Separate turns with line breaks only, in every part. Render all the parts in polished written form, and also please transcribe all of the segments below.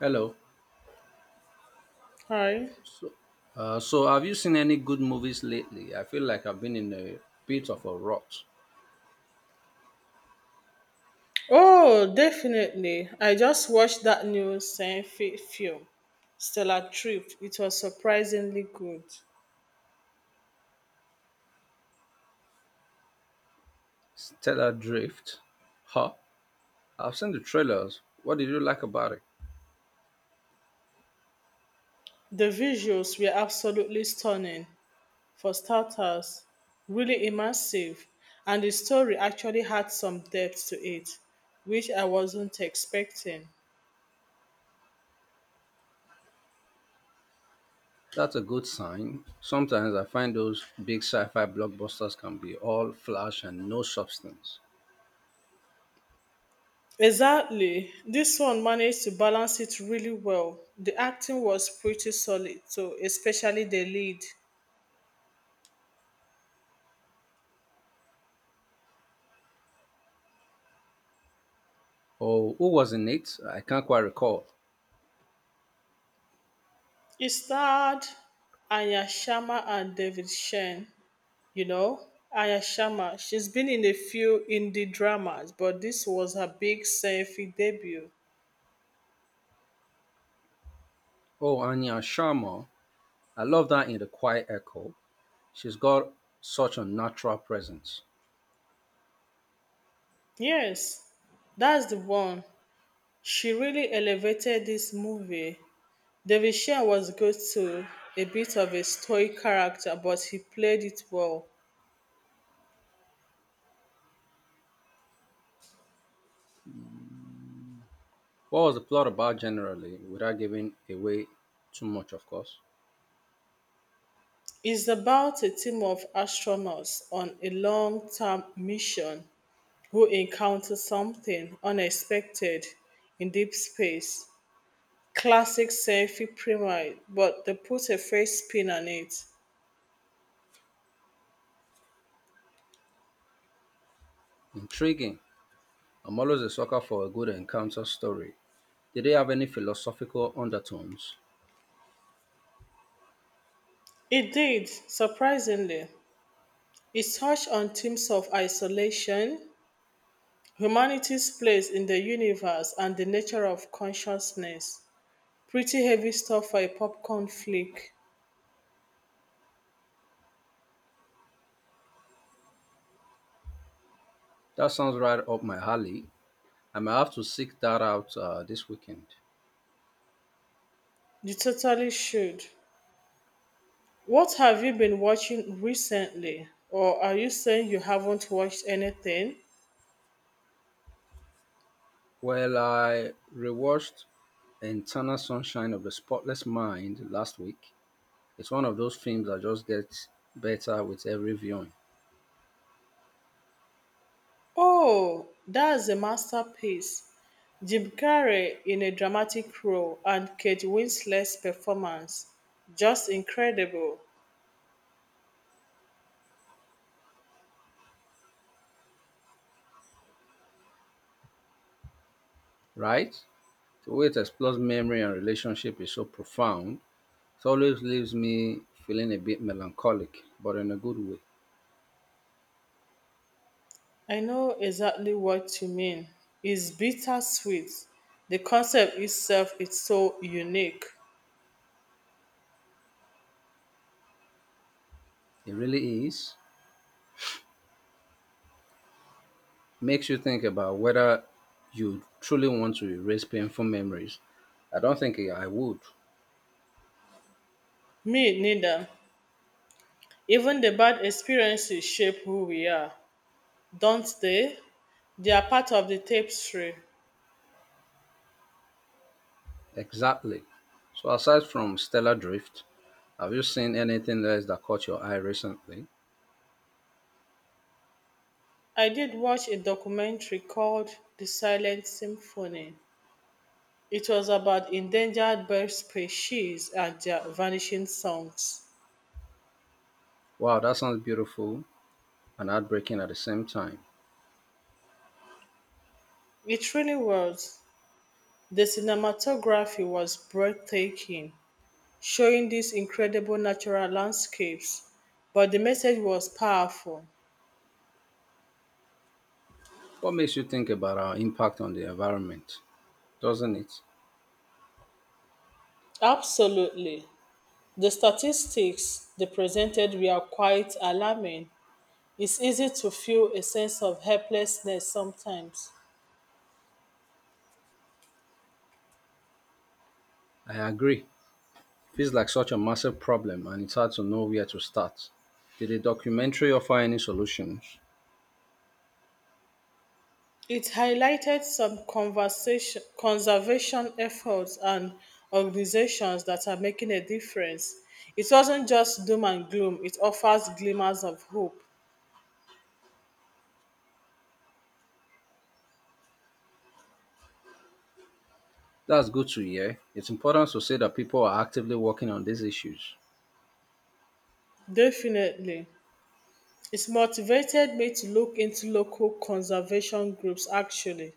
Hello.
Hi.
So, so have you seen any good movies lately? I feel like I've been in a bit of a rut.
Oh, definitely. I just watched that new science film, Stellar Trip. It was surprisingly good.
Stellar Drift. Huh? I've seen the trailers. What did you like about it?
The visuals were absolutely stunning, for starters, really immersive, and the story actually had some depth to it, which I wasn't expecting.
That's a good sign. Sometimes I find those big sci-fi blockbusters can be all flash and no substance.
Exactly. This one managed to balance it really well. The acting was pretty solid, so especially the lead.
Oh, who was in it? I can't quite recall.
It starred Aya Sharma and David Shen. You know, Aya Sharma, she's been in a few indie dramas, but this was her big selfie debut.
Oh, Anya Sharma. I love that in The Quiet Echo. She's got such a natural presence.
Yes, that's the one. She really elevated this movie. David Shen was good too, a bit of a stoic character, but he played it well.
What was the plot about generally, without giving away too much, of course?
It's about a team of astronauts on a long term mission who encounters something unexpected in deep space. Classic sci-fi premise, but they put a fresh spin on it.
Intriguing. I'm always a sucker for a good encounter story. Did it have any philosophical undertones?
It did, surprisingly. It touched on themes of isolation, humanity's place in the universe, and the nature of consciousness. Pretty heavy stuff for a popcorn flick.
That sounds right up my alley. I might have to seek that out this weekend.
You totally should. What have you been watching recently? Or are you saying you haven't watched anything?
Well, I rewatched Eternal Sunshine of the Spotless Mind last week. It's one of those films that just gets better with every viewing,
Oh, that's a masterpiece. Jim Carrey in a dramatic role and Kate Winslet's performance. Just incredible.
right? The way it explores memory and relationship is so profound. It always leaves me feeling a bit melancholic, but in a good way.
I know exactly what you mean. It's bittersweet. The concept itself is so unique.
It really is. Makes you think about whether you truly want to erase painful memories. I don't think I would.
Me neither. Even the bad experiences shape who we are, don't they? They are part of the tapestry.
Exactly. So, aside from Stellar Drift, have you seen anything else that caught your eye recently?
I did watch a documentary called The Silent Symphony. It was about endangered bird species and their vanishing songs.
Wow, that sounds beautiful and heartbreaking at the same time.
It really was. The cinematography was breathtaking, showing these incredible natural landscapes, but the message was powerful.
What makes you think about our impact on the environment? Doesn't it?
Absolutely. The statistics they presented were quite alarming. It's easy to feel a sense of helplessness sometimes.
I agree. Feels like such a massive problem and it's hard to know where to start. Did the documentary offer any solutions?
It highlighted some conservation efforts and organizations that are making a difference. It wasn't just doom and gloom, it offers glimmers of hope.
That's good to hear. It's important to say that people are actively working on these issues.
Definitely. It's motivated me to look into local conservation groups, actually.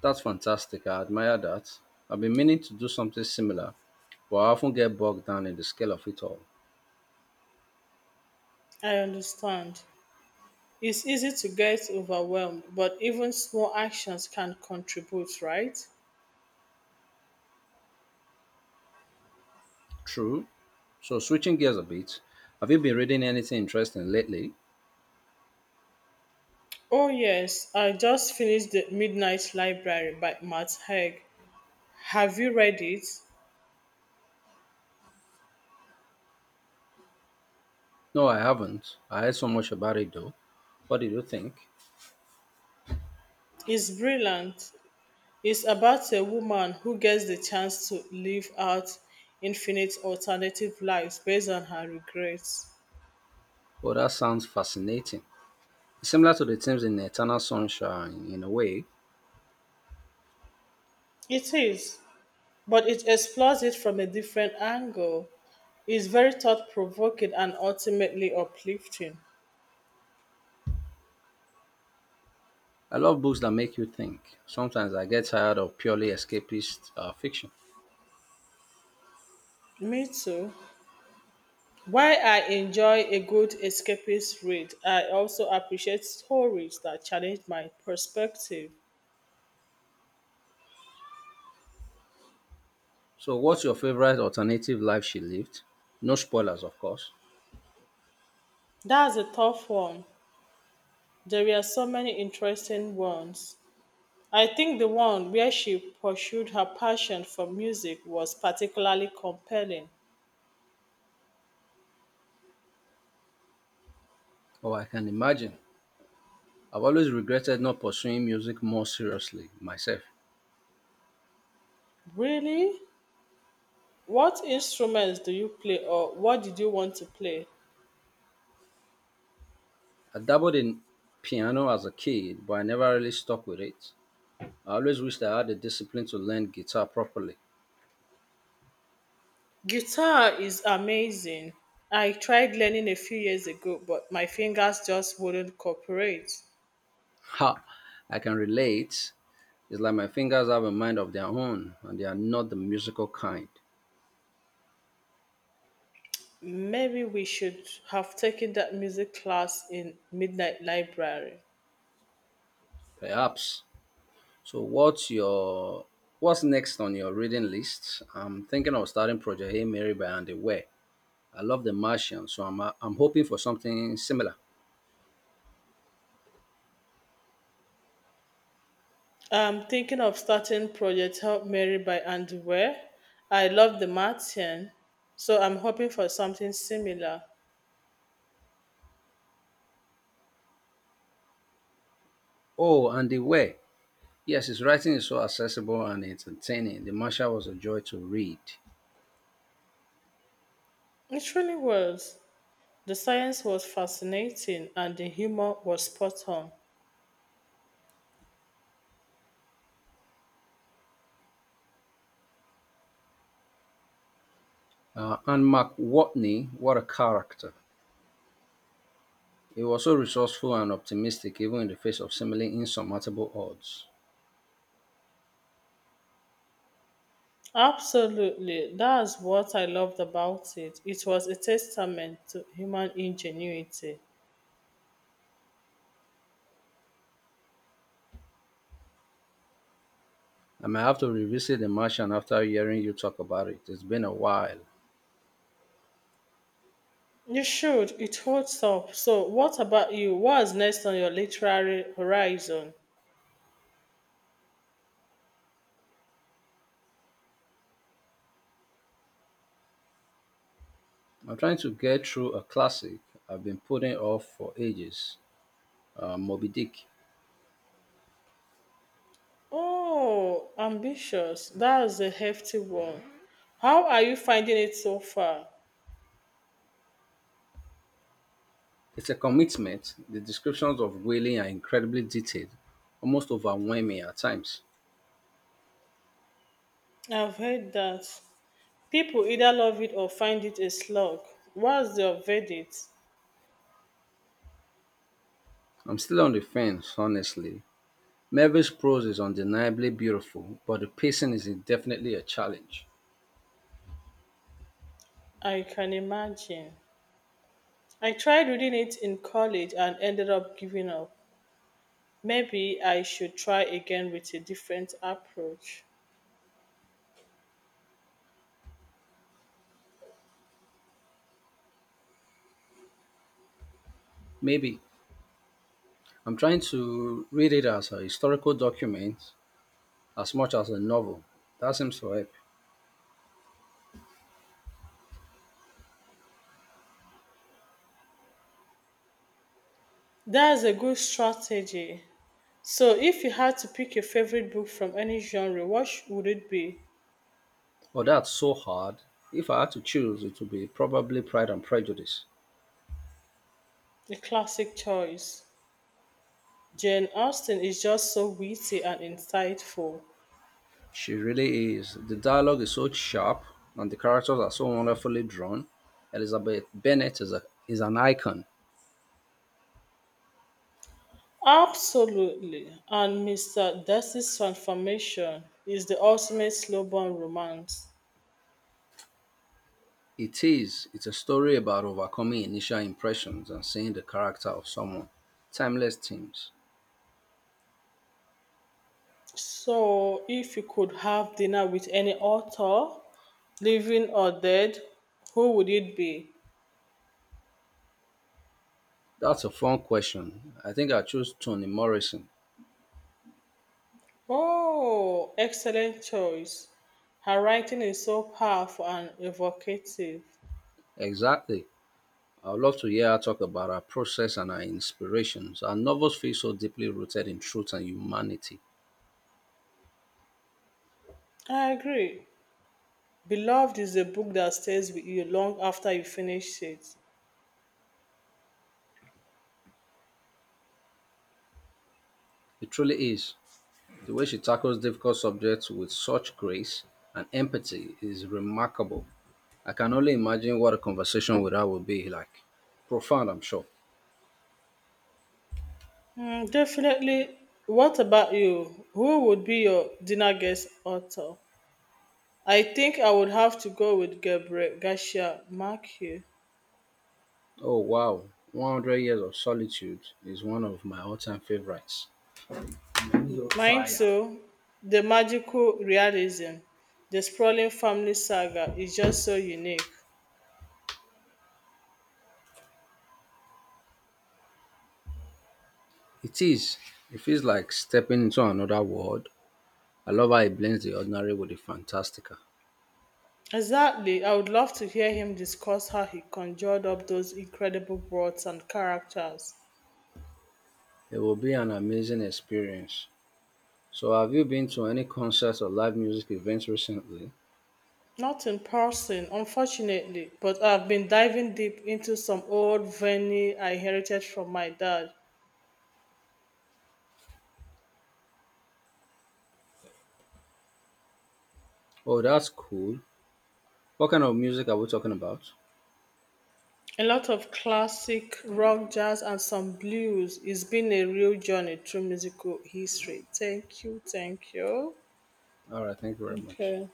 That's fantastic. I admire that. I've been meaning to do something similar, but I often get bogged down in the scale of it all.
I understand. It's easy to get overwhelmed, but even small actions can contribute, right?
True. So, switching gears a bit, have you been reading anything interesting lately?
Oh, yes, I just finished The Midnight Library by Matt Haig. Have you read it?
No, I haven't. I heard so much about it though. What did you think?
It's brilliant. It's about a woman who gets the chance to live out infinite alternative lives based on her regrets.
Oh, that sounds fascinating. Similar to the themes in Eternal Sunshine, in a way,
It is, but it explores it from a different angle. It's very thought provoking and ultimately uplifting.
I love books that make you think. Sometimes I get tired of purely escapist fiction.
Me too. While I enjoy a good escapist read, I also appreciate stories that challenge my perspective.
So, what's your favorite alternative life she lived? No spoilers, of course.
That's a tough one. There are so many interesting ones. I think the one where she pursued her passion for music was particularly compelling.
Oh, I can imagine. I've always regretted not pursuing music more seriously myself.
Really? What instruments do you play or what did you want to play?
I dabbled in piano as a kid, but I never really stuck with it. I always wished I had the discipline to learn guitar properly.
Guitar is amazing. I tried learning a few years ago, but my fingers just wouldn't cooperate.
Ha! I can relate. It's like my fingers have a mind of their own and they are not the musical kind.
Maybe we should have taken that music class in Midnight Library.
Perhaps. So what's next on your reading list? I'm thinking of starting Project Hey Mary by Andy Weir. I love The Martian, so I'm hoping for something similar.
I'm thinking of starting Project Help Mary by Andy Weir. I love the Martian, so I'm hoping for something similar.
Oh, Andy Weir. Yes, his writing is so accessible and entertaining. The Martian was a joy to read.
It really was. The science was fascinating and the humor was spot on.
And Mark Watney, what a character. He was so resourceful and optimistic even in the face of seemingly insurmountable odds.
Absolutely, that's what I loved about it. It was a testament to human ingenuity.
I may have to revisit The Martian after hearing you talk about it. It's been a while.
You should, it holds up. So, what about you? What's next on your literary horizon?
I'm trying to get through a classic I've been putting off for ages, Moby Dick.
Oh, ambitious. That's a hefty one. How are you finding it so far?
It's a commitment. The descriptions of whaling are incredibly detailed, almost overwhelming at times.
I've heard that people either love it or find it a slog. What's your verdict?
I'm still on the fence, honestly. Melville's prose is undeniably beautiful, but the pacing is definitely a challenge.
I can imagine. I tried reading it in college and ended up giving up. Maybe I should try again with a different approach.
Maybe I'm trying to read it as a historical document as much as a novel. That seems to help.
That's a good strategy. So, if you had to pick your favorite book from any genre, would it be?
But that's so hard. If I had to choose, it would be probably Pride and Prejudice.
A classic choice. Jane Austen is just so witty and insightful.
She really is. The dialogue is so sharp, and the characters are so wonderfully drawn. Elizabeth Bennet is, is an icon.
Absolutely. And Mr. Darcy's transformation is the ultimate slow burn romance.
It is. It's a story about overcoming initial impressions and seeing the character of someone. Timeless themes.
So, if you could have dinner with any author, living or dead, who would it be?
That's a fun question. I think I choose Toni Morrison.
Oh, excellent choice. Her writing is so powerful and evocative.
Exactly. I would love to hear her talk about her process and her inspirations. Her novels feel so deeply rooted in truth and humanity.
I agree. Beloved is a book that stays with you long after you finish it.
It truly is. The way she tackles difficult subjects with such grace and empathy is remarkable. I can only imagine what a conversation with her would be like. Profound, I'm sure.
Mm, definitely. What about you? Who would be your dinner guest author? I think I would have to go with Gabriel Garcia Marquez.
Oh, wow. 100 Years of Solitude is one of my all time favorites.
Mine
It
too. The magical realism, the sprawling family saga is just so unique.
is. It feels like stepping into another world. I love how it blends the ordinary with the fantastical.
Exactly. I would love to hear him discuss how he conjured up those incredible worlds and characters.
It will be an amazing experience. So, have you been to any concerts or live music events recently?
Not in person, unfortunately, but I've been diving deep into some old vinyl I inherited from my dad.
Oh, that's cool. What kind of music are we talking about?
A lot of classic rock, jazz, and some blues. It's been a real journey through musical history. Thank you.
All right, thank you very much.
Okay.